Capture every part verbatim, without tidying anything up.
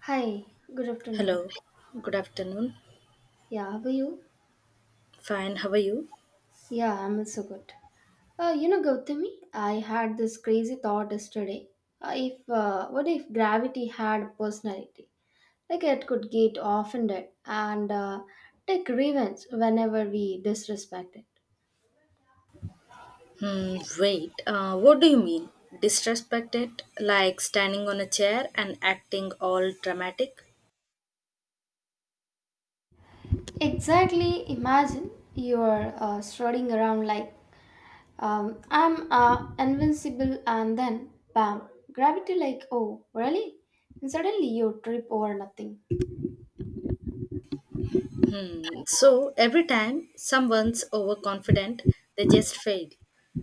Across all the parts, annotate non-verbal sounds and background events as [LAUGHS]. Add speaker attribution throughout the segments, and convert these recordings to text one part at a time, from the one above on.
Speaker 1: Hi, good afternoon.
Speaker 2: Hello, good afternoon.
Speaker 1: Yeah, how are you?
Speaker 2: Fine, how are you?
Speaker 1: Yeah, I'm also good. Uh, you know, Gautami, I had this crazy thought yesterday. Uh, if uh, What if gravity had a personality? Like it could get offended and uh, take revenge whenever we disrespect it.
Speaker 2: Hmm, wait, uh, what do you mean? Disrespected? Like standing on a chair and acting all dramatic?
Speaker 1: Exactly. Imagine you are uh, strutting around like um, I'm uh, invincible, and then bam, gravity like, oh really? And suddenly you trip over nothing.
Speaker 2: Hmm, so every time someone's overconfident, they just fail.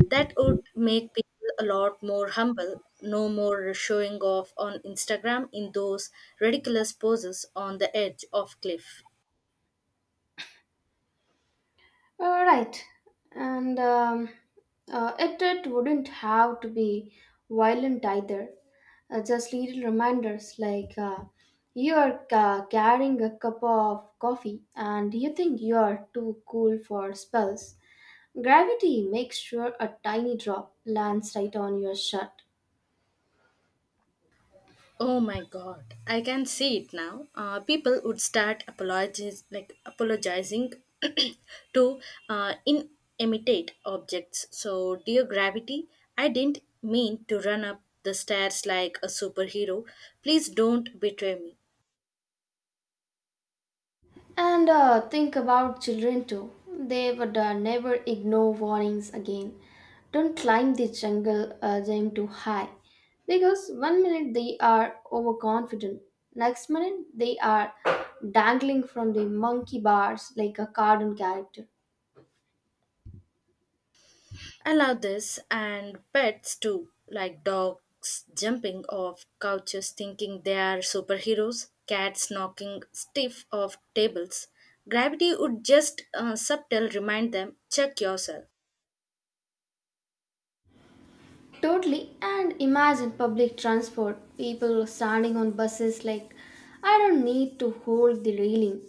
Speaker 2: That would make people a lot more humble, no more showing off on Instagram in those ridiculous poses on the edge of cliff.
Speaker 1: Uh, right, and um, uh, it it wouldn't have to be violent either. Uh, just little reminders like, uh, you are uh, carrying a cup of coffee and you think you are too cool for spells. Gravity makes sure a tiny drop lands right on your shirt.
Speaker 2: Oh my god, I can see it now. Uh, people would start apologies, like apologizing [CLEARS THROAT] to uh, inanimate objects. So, dear gravity, I didn't mean to run up the stairs like a superhero. Please don't betray me.
Speaker 1: And uh, think about children too. They would uh, never ignore warnings again. Don't climb the jungle uh, gym too high. Because one minute they are overconfident, next minute they are dangling from the monkey bars like a cartoon character.
Speaker 2: I love this, and pets too, like dogs jumping off couches thinking they are superheroes, cats knocking stiff off tables. Gravity would just uh, subtle remind them check yourself.
Speaker 1: Totally, and imagine public transport, people standing on buses like, I don't need to hold the railing.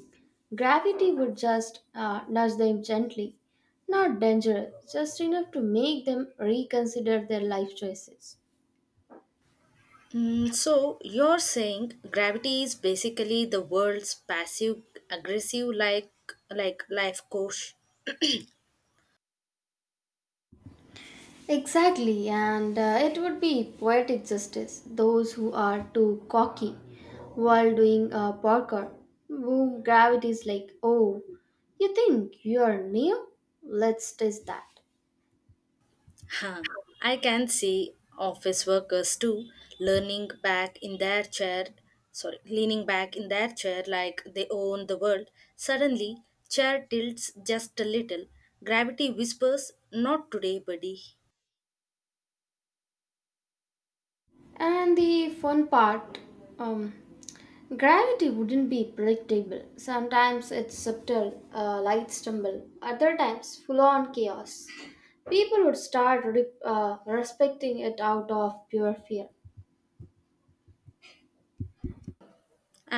Speaker 1: Gravity would just uh, nudge them gently, not dangerous, just enough to make them reconsider their life choices.
Speaker 2: Mm, so you're saying gravity is basically the world's passive aggressive like like life coach.
Speaker 1: Exactly, and uh, it would be poetic justice. Those who are too cocky while doing uh, parkour, boom, gravity is like, oh, you think you are new? Let's test that.
Speaker 2: Huh. I can see office workers too learning back in their chair, sorry, leaning back in their chair like they own the world. Suddenly, chair tilts just a little. Gravity whispers, not today, buddy.
Speaker 1: And the fun part, um, gravity wouldn't be predictable. Sometimes it's subtle, uh, light stumble, other times full on chaos. People would start re- uh, respecting it out of pure fear.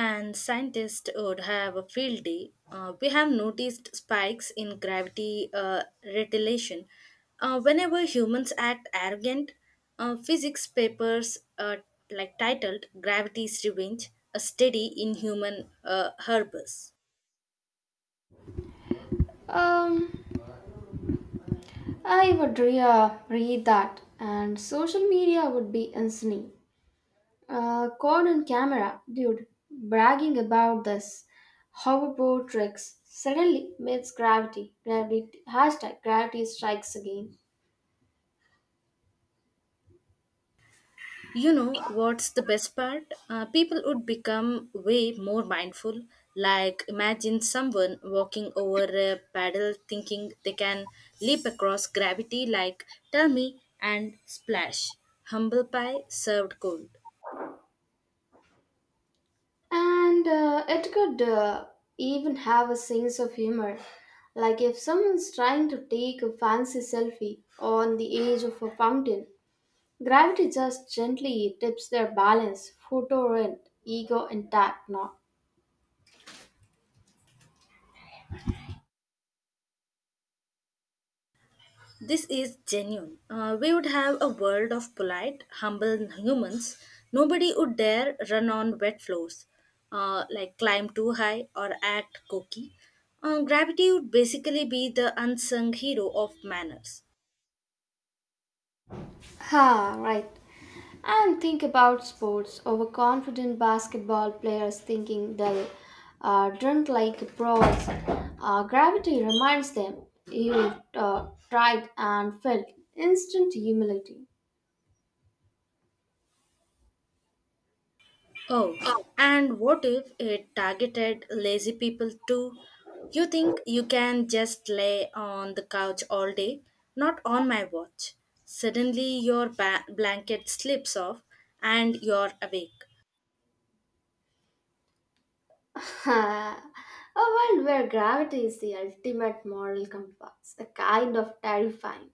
Speaker 2: And scientists would have a field day. Uh, we have noticed spikes in gravity uh, retardation. Uh, whenever humans act arrogant, uh, physics papers uh, like titled Gravity's Revenge, a study in human uh, hubris.
Speaker 1: Um, I would re- uh, read that, and social media would be insane. Uh, caught on camera, dude, bragging about this hoverboard tricks suddenly meets gravity. Gravity hashtag gravity strikes again,
Speaker 2: You know what's the best part? Uh, people would become way more mindful. Like, imagine someone walking over a paddle thinking they can leap across gravity, like, tell me, and splash. Humble pie served cold.
Speaker 1: and uh, it could uh, even have a sense of humor. Like if someone's trying to take a fancy selfie on the edge of a fountain, gravity just gently tips their balance. Photo rent, ego intact, not.
Speaker 2: This is genuine. Uh, we would have a world of polite, humble humans. Nobody would dare run on wet floors, uh, like climb too high or act cocky. Uh, gravity would basically be the unsung hero of manners.
Speaker 1: Ha, right. And think about sports. Overconfident basketball players thinking they'll uh, drink like pros. Uh, gravity reminds them you uh, tried and failed. Instant humility.
Speaker 2: Oh, and what if it targeted lazy people too? You think you can just lay on the couch all day? Not on my watch. Suddenly your ba- blanket slips off and you're awake.
Speaker 1: [LAUGHS] A world where gravity is the ultimate moral compass. A kind of terrifying,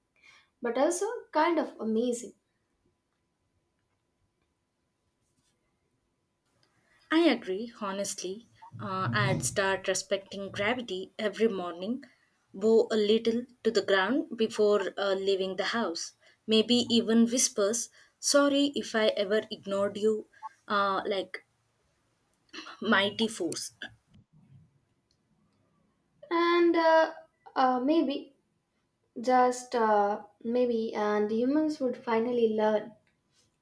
Speaker 1: but also kind of amazing.
Speaker 2: I agree, honestly. Uh, I'd start respecting gravity every morning, bow a little to the ground before uh, leaving the house. Maybe even whispers, sorry if I ever ignored you, uh, like mighty force.
Speaker 1: And uh, uh, maybe, just uh, maybe, and humans would finally learn,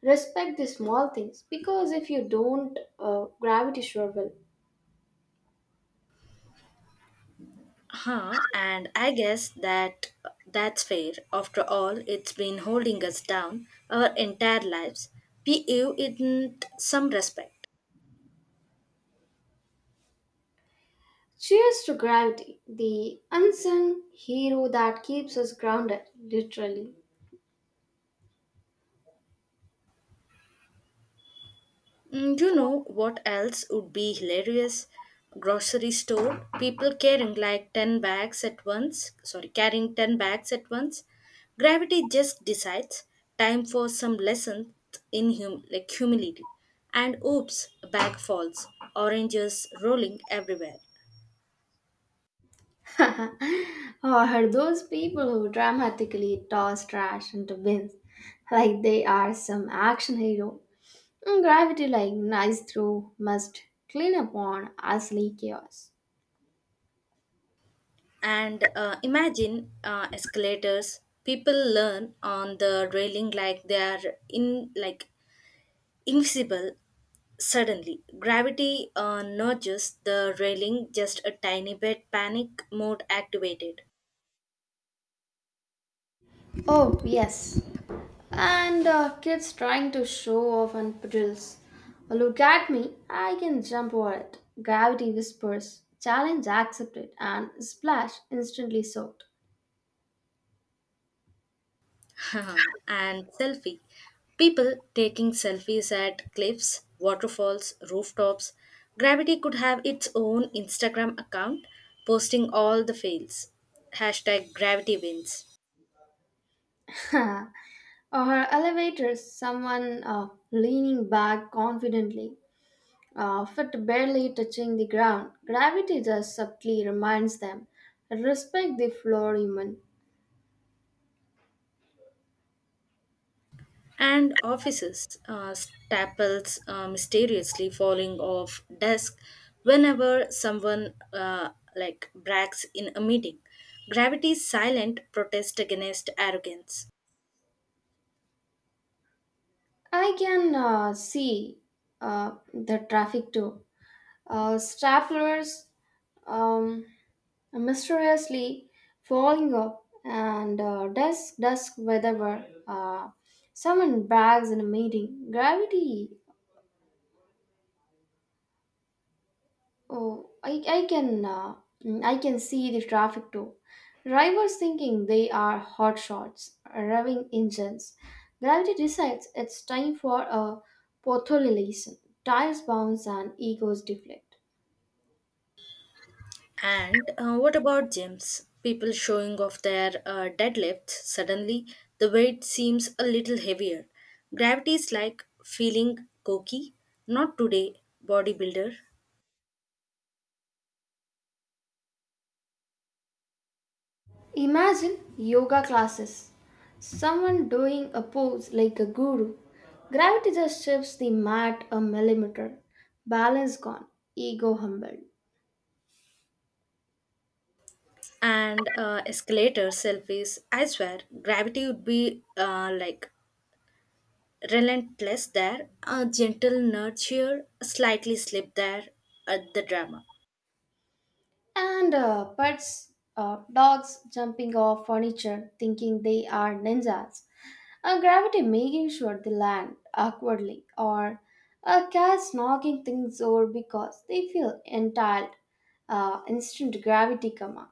Speaker 1: respect the small things, because if you don't, uh, gravity sure will.
Speaker 2: Huh, and I guess that that's fair. After all, it's been holding us down our entire lives. We owe it some respect.
Speaker 1: Cheers to gravity, the unsung hero that keeps us grounded, literally.
Speaker 2: Mm, you know what else would be hilarious? Grocery store, people carrying like ten bags at once, sorry, carrying ten bags at once. Gravity just decides time for some lesson in hum- like humility. And oops, a bag falls, oranges rolling everywhere.
Speaker 1: [LAUGHS] Or those people who dramatically toss trash into bins like they are some action hero. Mm, gravity, like nice through, must clean up on ugly chaos.
Speaker 2: And uh, imagine uh, escalators, people learn on the railing like they are in like invisible. Suddenly, gravity uh, nudges the railing just a tiny bit, panic mode activated.
Speaker 1: Oh, yes, and uh, kids trying to show off on drills. Well, look at me, I can jump over it. Gravity whispers, challenge accepted, and splash instantly soaked.
Speaker 2: [LAUGHS] And selfie. People taking selfies at cliffs, waterfalls, rooftops. Gravity could have its own Instagram account posting all the fails. Hashtag gravity wins.
Speaker 1: [LAUGHS] Or elevators, someone uh, leaning back confidently, uh, foot barely touching the ground. Gravity just subtly reminds them, respect the floor, human.
Speaker 2: And offices, uh, staples uh, mysteriously falling off desk whenever someone, uh, like, brags in a meeting, gravity's silent protest against arrogance.
Speaker 1: I can uh, see uh, the traffic too. Uh, stragglers, um, mysteriously falling up and uh, dusk dusk wherever uh, someone brags in a meeting gravity oh i, I can uh, mm, i can see the traffic too, drivers thinking they are hot shots revving engines, gravity decides it's time for a potholilation, tires bounce and egos deflect.
Speaker 2: And uh, what about gyms, people showing off their uh, deadlifts, suddenly the weight seems a little heavier, gravity is like feeling cocky, not today, bodybuilder.
Speaker 1: Imagine yoga classes. Someone doing a pose like a guru. Gravity just shifts the mat a millimeter. Balance gone, ego humbled.
Speaker 2: And uh, escalator selfies. I swear, gravity would be uh, like relentless there. A gentle nurture, a slightly slip there at the drama.
Speaker 1: And uh, pets, uh, dogs jumping off furniture thinking they are ninjas. A gravity making sure they land awkwardly. Or a cat knocking things over because they feel entitled. Uh, instant gravity karma.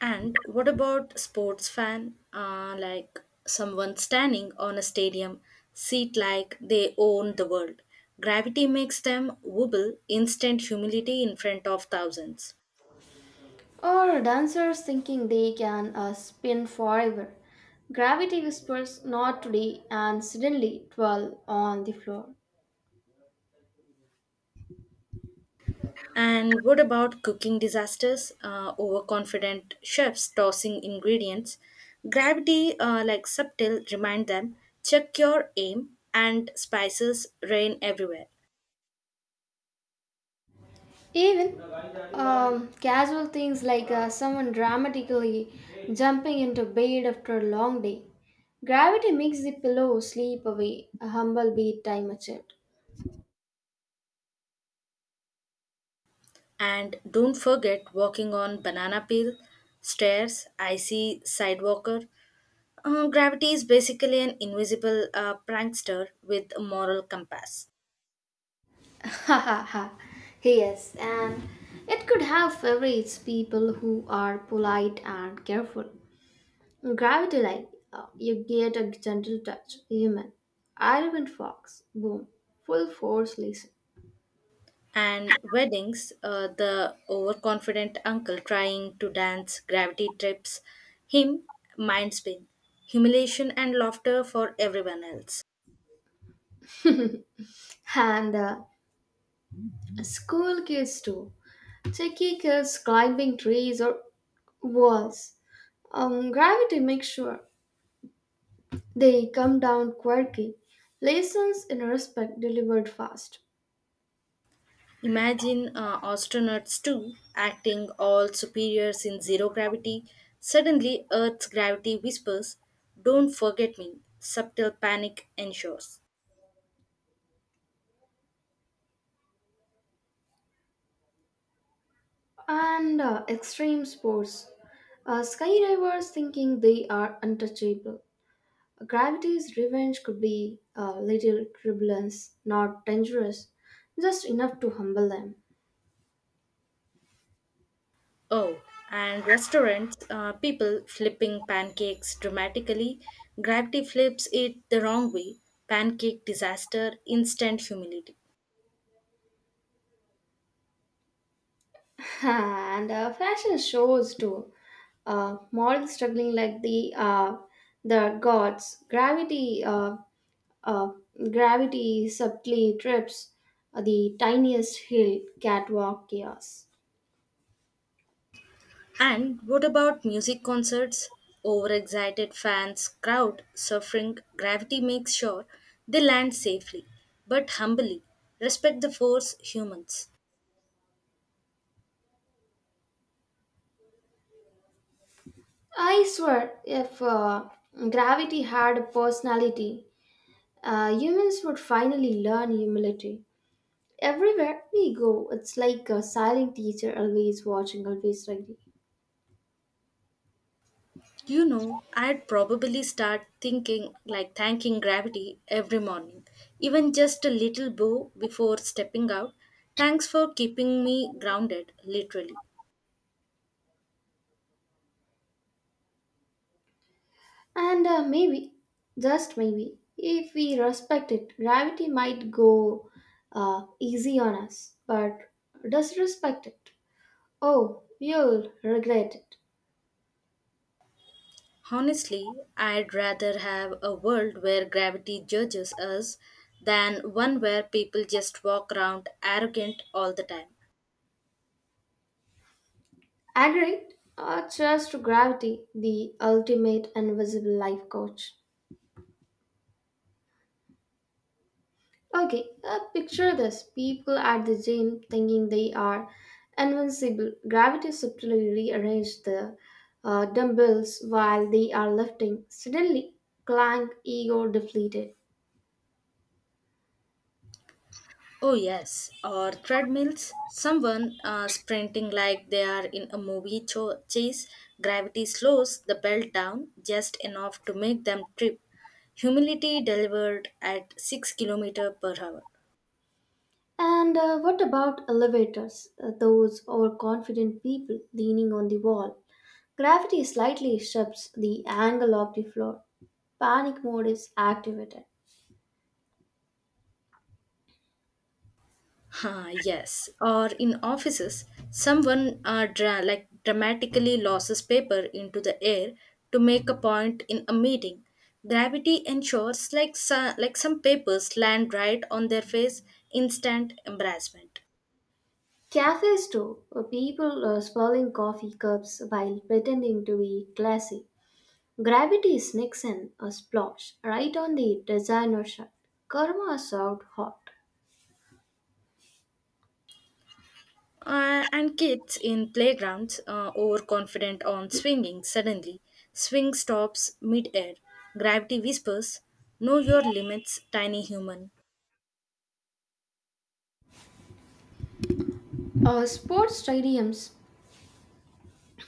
Speaker 2: And what about sports fan? Uh, like someone standing on a stadium seat like they own the world. Gravity makes them wobble, instant humility in front of thousands.
Speaker 1: Or dancers thinking they can uh, spin forever. Gravity whispers not today, and suddenly twirl on the floor.
Speaker 2: And what about cooking disasters? Uh, overconfident chefs tossing ingredients. Gravity, uh, like subtle, remind them check your aim, and spices rain everywhere.
Speaker 1: Even um, casual things like, uh, someone dramatically jumping into bed after a long day. Gravity makes the pillow sleep away, a humble beat time achieved.
Speaker 2: And don't forget walking on banana peel, stairs, icy sidewalker. Uh, gravity is basically an invisible uh, prankster with a moral compass.
Speaker 1: Ha ha ha. Yes, and it could have favorites, people who are polite and careful. Gravity like, uh, you get a gentle touch, human. Irvin Fox, boom, full force listen.
Speaker 2: And weddings, uh, the overconfident uncle trying to dance, gravity trips him, mind spin, humiliation and laughter for everyone else.
Speaker 1: [LAUGHS] And uh, school kids too. Cheeky kids climbing trees or walls. Um, gravity makes sure they come down quirky. Lessons in respect delivered fast.
Speaker 2: Imagine uh, astronauts too, acting all superiors in zero gravity. Suddenly, Earth's gravity whispers, don't forget me. Subtle panic ensures.
Speaker 1: And uh, extreme sports. Uh, skydivers thinking they are untouchable. Gravity's revenge could be a little turbulence, not dangerous, just enough to humble them.
Speaker 2: Oh, and restaurants, uh, people flipping pancakes dramatically. Gravity flips it the wrong way. Pancake disaster, instant humility.
Speaker 1: [LAUGHS] And uh, fashion shows too. Uh, models struggling like the uh, the gods. Gravity, uh, uh, gravity subtly trips the tiniest hill. Catwalk chaos.
Speaker 2: And what about music concerts? Overexcited fans, crowd suffering, gravity makes sure they land safely, but humbly. Respect the force, humans.
Speaker 1: I swear, if uh, gravity had a personality, uh, humans would finally learn humility. Everywhere we go, it's like a silent teacher, always watching, always ready.
Speaker 2: You know, I'd probably start thinking like thanking gravity every morning, even just a little bow before stepping out. Thanks for keeping me grounded, literally.
Speaker 1: And uh, maybe, just maybe, if we respect it, gravity might go uh, easy on us. But disrespect it. Oh, you'll regret it.
Speaker 2: Honestly, I'd rather have a world where gravity judges us than one where people just walk around arrogant all the time.
Speaker 1: Agreed? Uh, cheers to gravity, the ultimate invisible life coach. Okay, uh, picture this, people at the gym thinking they are invincible. Gravity subtly rearranges the uh, dumbbells while they are lifting. Suddenly, clank, ego deflated.
Speaker 2: Oh yes, or treadmills. Someone uh, sprinting like they are in a movie cho- chase. Gravity slows the belt down just enough to make them trip. Humility delivered at six kilometers per hour.
Speaker 1: And uh, what about elevators? Uh, those overconfident people leaning on the wall. Gravity slightly shifts the angle of the floor. Panic mode is activated.
Speaker 2: Huh, yes, or in offices, someone uh, dra- like dramatically loses paper into the air to make a point in a meeting. Gravity ensures like, so- like some papers land right on their face, instant embarrassment.
Speaker 1: Cafes too. Uh, people uh, swirling coffee cups while pretending to be classy. Gravity sneaks in a splash right on the designer shirt. Karma served hot.
Speaker 2: Uh, and kids in playgrounds, uh, overconfident on swinging, suddenly swing stops mid-air. Gravity whispers, "Know your limits, tiny human."
Speaker 1: Uh, sports stadiums,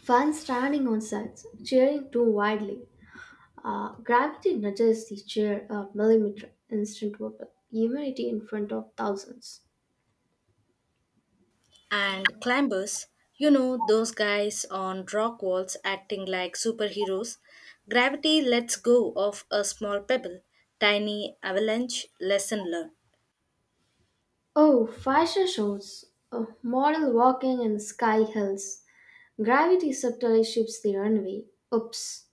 Speaker 1: fans standing on sides, cheering too widely. Uh, gravity nudges the chair a millimeter, instant wobble, humility in front of thousands.
Speaker 2: And climbers, you know those guys on rock walls acting like superheroes. Gravity lets go of a small pebble. Tiny avalanche. Lesson learned.
Speaker 1: Oh, fashion shows, uh, model walking in sky hills, gravity subtly shifts the runway. Oops.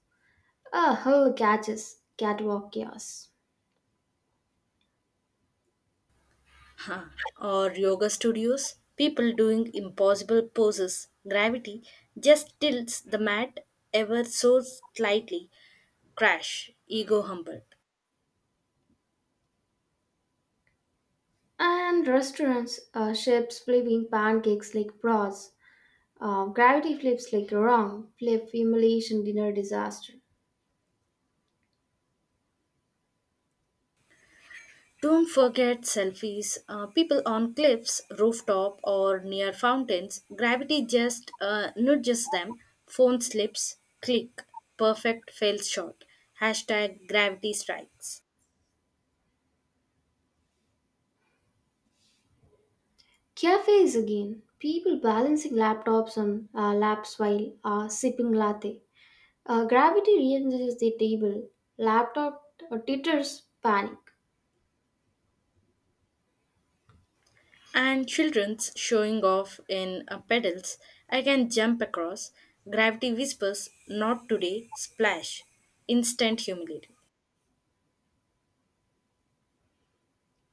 Speaker 1: A hull catches, catwalk chaos.
Speaker 2: Huh. Or yoga studios, people doing impossible poses. Gravity just tilts the mat ever so slightly. Crash, ego humbled.
Speaker 1: And restaurants, uh, ships flipping pancakes like bras. Uh, gravity flips like a wrong, flip humiliation dinner disaster.
Speaker 2: Don't forget selfies. Uh, people on cliffs, rooftop, or near fountains. Gravity just uh, nudges them. Phone slips. Click. Perfect fails shot. Hashtag gravity strikes.
Speaker 1: Cafes again, people balancing laptops on uh, laps while uh, sipping latte. Uh, gravity re-enters the table, laptop uh, titters, panic.
Speaker 2: And children's showing off in uh, pedals. I can jump across. Gravity whispers, not today, splash. Instant humility.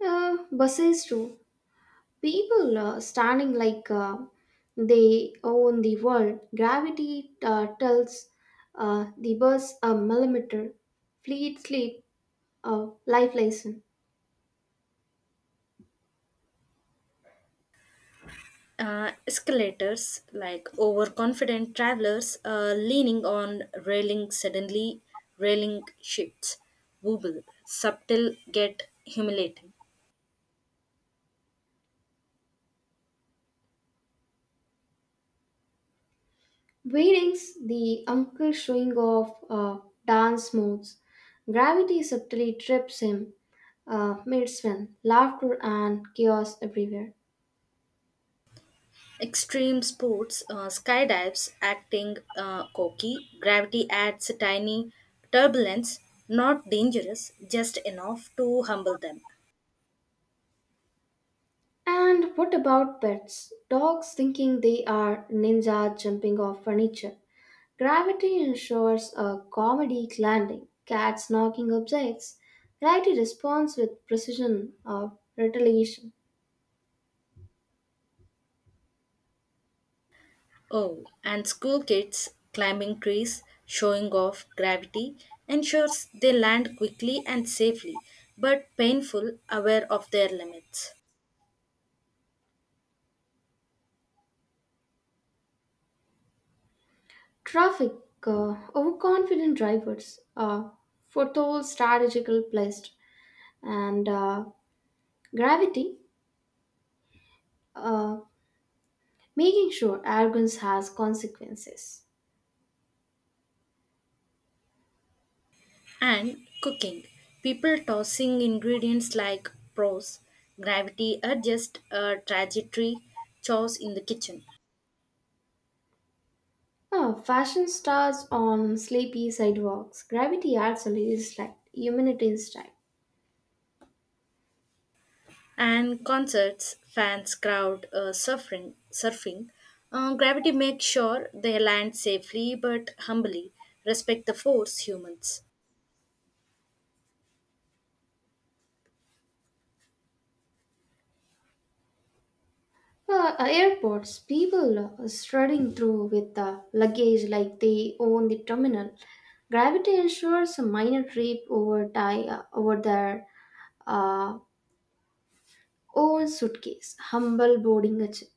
Speaker 1: Uh, buses too. People uh, standing like uh, they own the world. Gravity uh, tells uh, the bus a millimeter. Fleet sleep, uh, life lesson.
Speaker 2: Uh, escalators, like overconfident travelers uh, leaning on railing, suddenly railing shifts. Wobble, subtle, get humiliating.
Speaker 1: Weddings, the uncle showing off uh, dance moves. Gravity subtly trips him uh, mid swim, laughter and chaos everywhere.
Speaker 2: Extreme sports, uh, skydives, acting uh, cocky, gravity adds a tiny turbulence, not dangerous, just enough to humble them.
Speaker 1: And what about pets? Dogs thinking they are ninja jumping off furniture. Gravity ensures a comedic landing, cats knocking objects, righty responds with precision or retaliation.
Speaker 2: Oh, and school kids climbing trees, showing off gravity, ensures they land quickly and safely, but painful, aware of their limits.
Speaker 1: Traffic, uh, overconfident drivers, uh, foretold strategical plays, and uh, gravity, uh, making sure arrogance has consequences.
Speaker 2: And cooking, people tossing ingredients like pros, gravity adjust a trajectory, chores in the kitchen.
Speaker 1: Oh, fashion stars on sleepy sidewalks. Gravity actually is like humanity instinct.
Speaker 2: And concerts, fans crowd uh, surfing. surfing. Uh, gravity makes sure they land safely but humbly, respect the force humans.
Speaker 1: Uh, uh, airports, people uh, strutting through with the luggage like they own the terminal. Gravity ensures a minor trip over, ti- uh, over their uh, own suitcase. Humble boarding a jet.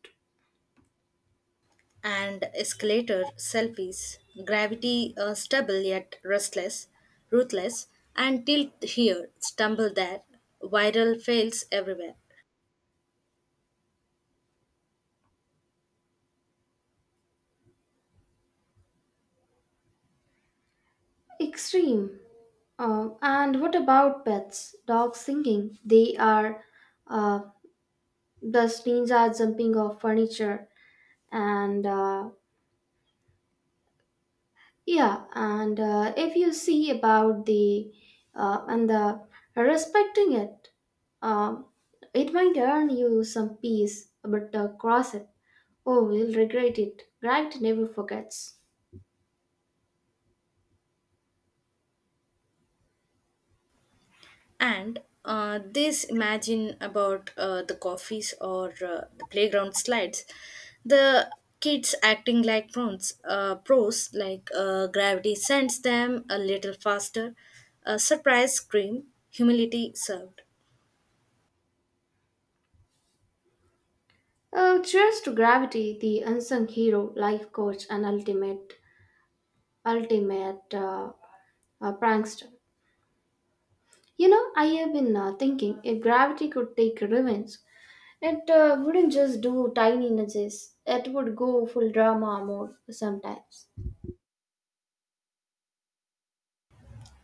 Speaker 2: And escalator selfies, gravity uh, stable yet restless, ruthless, and tilt here, stumble there, viral fails everywhere.
Speaker 1: Extreme. Uh, and what about pets? Dogs singing. They are uh, the ninja jumping off furniture and uh, yeah, and uh, if you see about the uh, and the respecting it, um, it might earn you some peace, but uh, cross it. Oh, we'll regret it. Gravity never forgets.
Speaker 2: And uh, this imagine about uh, the coffees or uh, the playground slides, the kids acting like pros, uh, pros like uh, gravity sends them a little faster, a surprise scream, humility served.
Speaker 1: Uh, cheers to gravity, the unsung hero, life coach, and ultimate, ultimate uh, uh, prankster. You know, I have been uh, thinking, if gravity could take revenge, it uh, wouldn't just do tiny nudges, it would go full drama mode sometimes.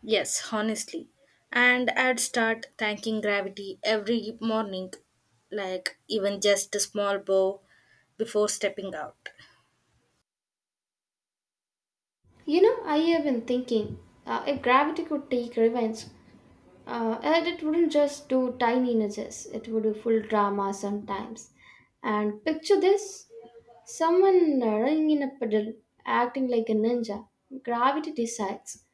Speaker 2: Yes, honestly. And I'd start thanking gravity every morning, like even just a small bow before stepping out.
Speaker 1: You know, I have been thinking, uh, if gravity could take revenge, uh, and it wouldn't just do tiny nudges, it would do full drama sometimes. And picture this, someone running in a puddle, acting like a ninja. Gravity decides,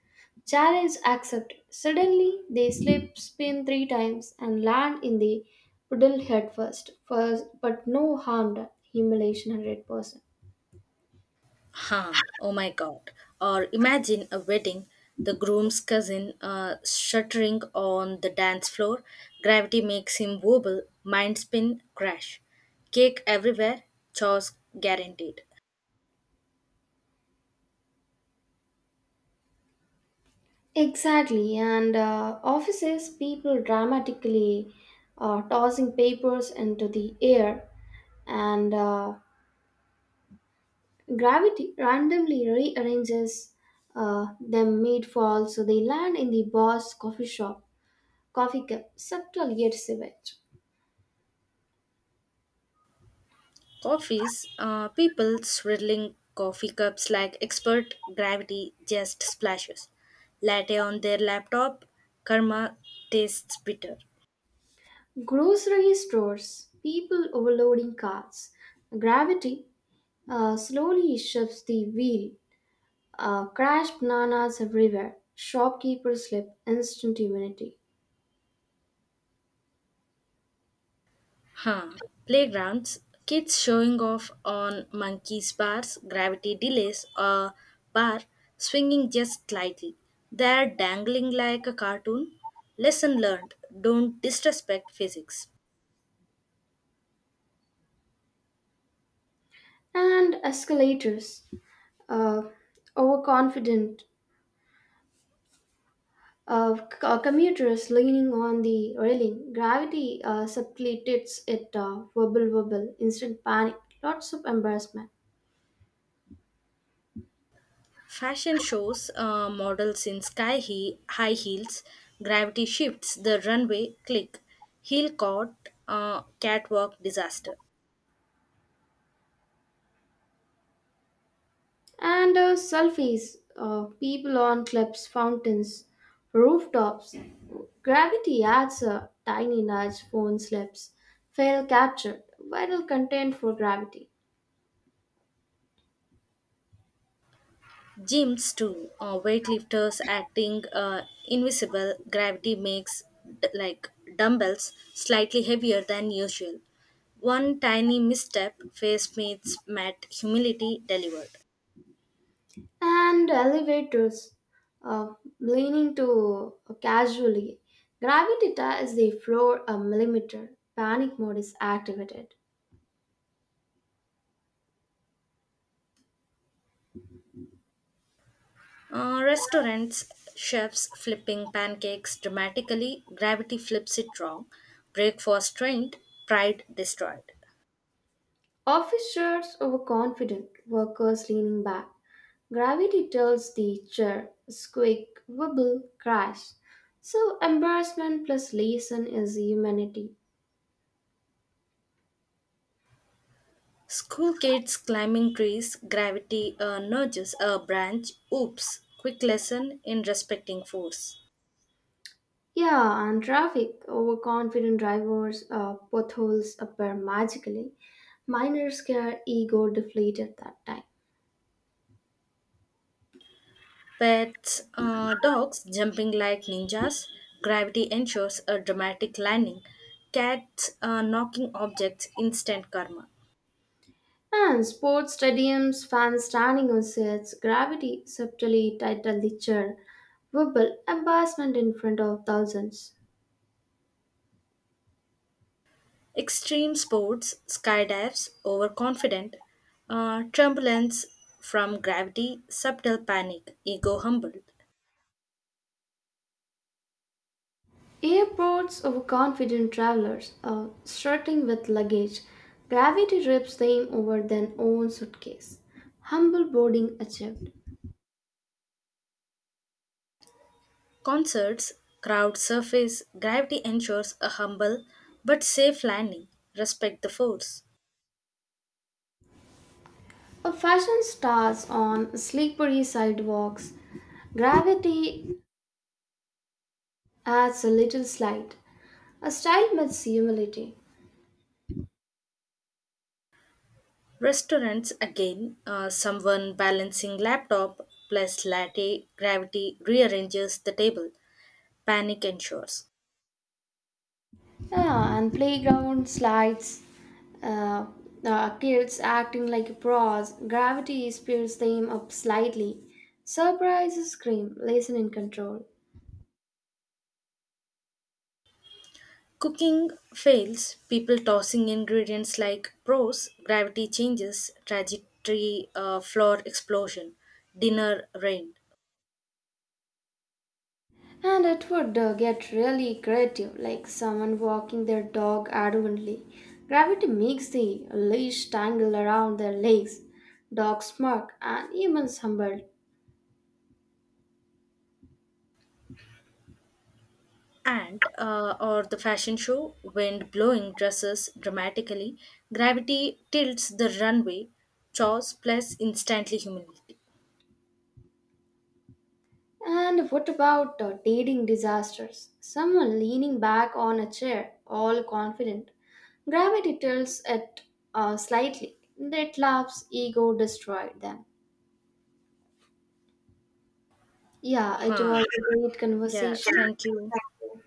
Speaker 1: challenge accepted. Suddenly, they slip, spin three times, and land in the puddle head first. First, but no harm done. Humiliation one hundred percent.
Speaker 2: Huh, oh my god. Or imagine a wedding, the groom's cousin uh, shuddering on the dance floor, gravity makes him wobble, mind spin, crash. Cake everywhere, chores guaranteed.
Speaker 1: Exactly, and uh, offices people dramatically uh, tossing papers into the air, and uh, gravity randomly rearranges uh, them mid-fall, so they land in the boss coffee shop, coffee cup, subtle yet savage.
Speaker 2: Coffees, uh, people swirling coffee cups like expert, gravity just splashes. Latte on their laptop, karma tastes bitter.
Speaker 1: Grocery stores, people overloading carts, gravity uh, slowly shifts the wheel. Uh, crashed bananas everywhere. Shopkeepers slip instant immunity.
Speaker 2: Huh. Playgrounds, kids showing off on monkeys bars, gravity delays, a bar swinging just slightly. They're dangling like a cartoon. Lesson learned, don't disrespect physics.
Speaker 1: And escalators, uh, overconfident of c- uh, commuters leaning on the railing. Gravity uh, subtletes it, uh, wobble wobble, instant panic, lots of embarrassment.
Speaker 2: Fashion shows, uh, models in sky he- high heels, gravity shifts the runway, click, heel caught, uh, catwalk disaster.
Speaker 1: And uh, selfies, uh, people on cliffs, fountains, rooftops. Gravity adds a tiny nudge, phone slips, fail captured, vital content for gravity.
Speaker 2: Gyms too, uh, weightlifters acting uh, invisible, gravity makes d- like dumbbells slightly heavier than usual. One tiny misstep, face meets mat. Humility delivered.
Speaker 1: And elevators uh, leaning to uh, casually. Gravity ties the floor a millimeter. Panic mode is activated.
Speaker 2: Uh, restaurants, chefs flipping pancakes dramatically, gravity flips it wrong. Breakfast trained, pride destroyed.
Speaker 1: Office chairs overconfident, workers leaning back. Gravity tells the chair, squeak, wobble, crash. So embarrassment plus lesson is humanity.
Speaker 2: School kids climbing trees, gravity uh, nudges a branch. Oops, quick lesson in respecting force.
Speaker 1: Yeah, and traffic, overconfident drivers, uh, potholes appear magically. Minor scare ego deflated that time.
Speaker 2: Pets, uh, dogs jumping like ninjas, gravity ensures a dramatic landing, cats uh, knocking objects, instant karma.
Speaker 1: And sports stadiums, fans standing on seats, gravity subtly titled the chair, wobble, embarrassment in front of thousands.
Speaker 2: Extreme sports, skydives, overconfident, uh, turbulence from gravity, subtle panic, ego humbled.
Speaker 1: Airports, overconfident travelers, uh, strutting with luggage, gravity rips them over their own suitcase. Humble boarding achieved.
Speaker 2: Concerts, crowd surface, gravity ensures a humble but safe landing, respect the force.
Speaker 1: A fashion stars on slippery sidewalks, gravity adds a little slide. A style meets humility.
Speaker 2: Restaurants again, uh, someone balancing laptop plus latte, gravity rearranges the table. Panic ensures.
Speaker 1: Yeah, and playground slides, uh, uh, kids acting like pros, gravity spears them up slightly. Surprise scream, listen in control.
Speaker 2: Cooking fails, people tossing ingredients like pros, gravity changes, trajectory, uh, floor explosion, dinner rain,
Speaker 1: And it would uh, get really creative, like someone walking their dog arrogantly. Gravity makes the leash tangle around their legs. Dogs smirk and humans humble.
Speaker 2: and uh, or the fashion show, wind blowing dresses dramatically, gravity tilts the runway, chores plus instantly humility.
Speaker 1: And what about uh, dating disasters? Someone leaning back on a chair, all confident. Gravity tilts it uh, slightly. That laughs, ego destroyed them. Yeah, it was
Speaker 2: Huh.
Speaker 1: a great
Speaker 2: Yeah,
Speaker 1: conversation.
Speaker 2: thank you.
Speaker 1: Thank you.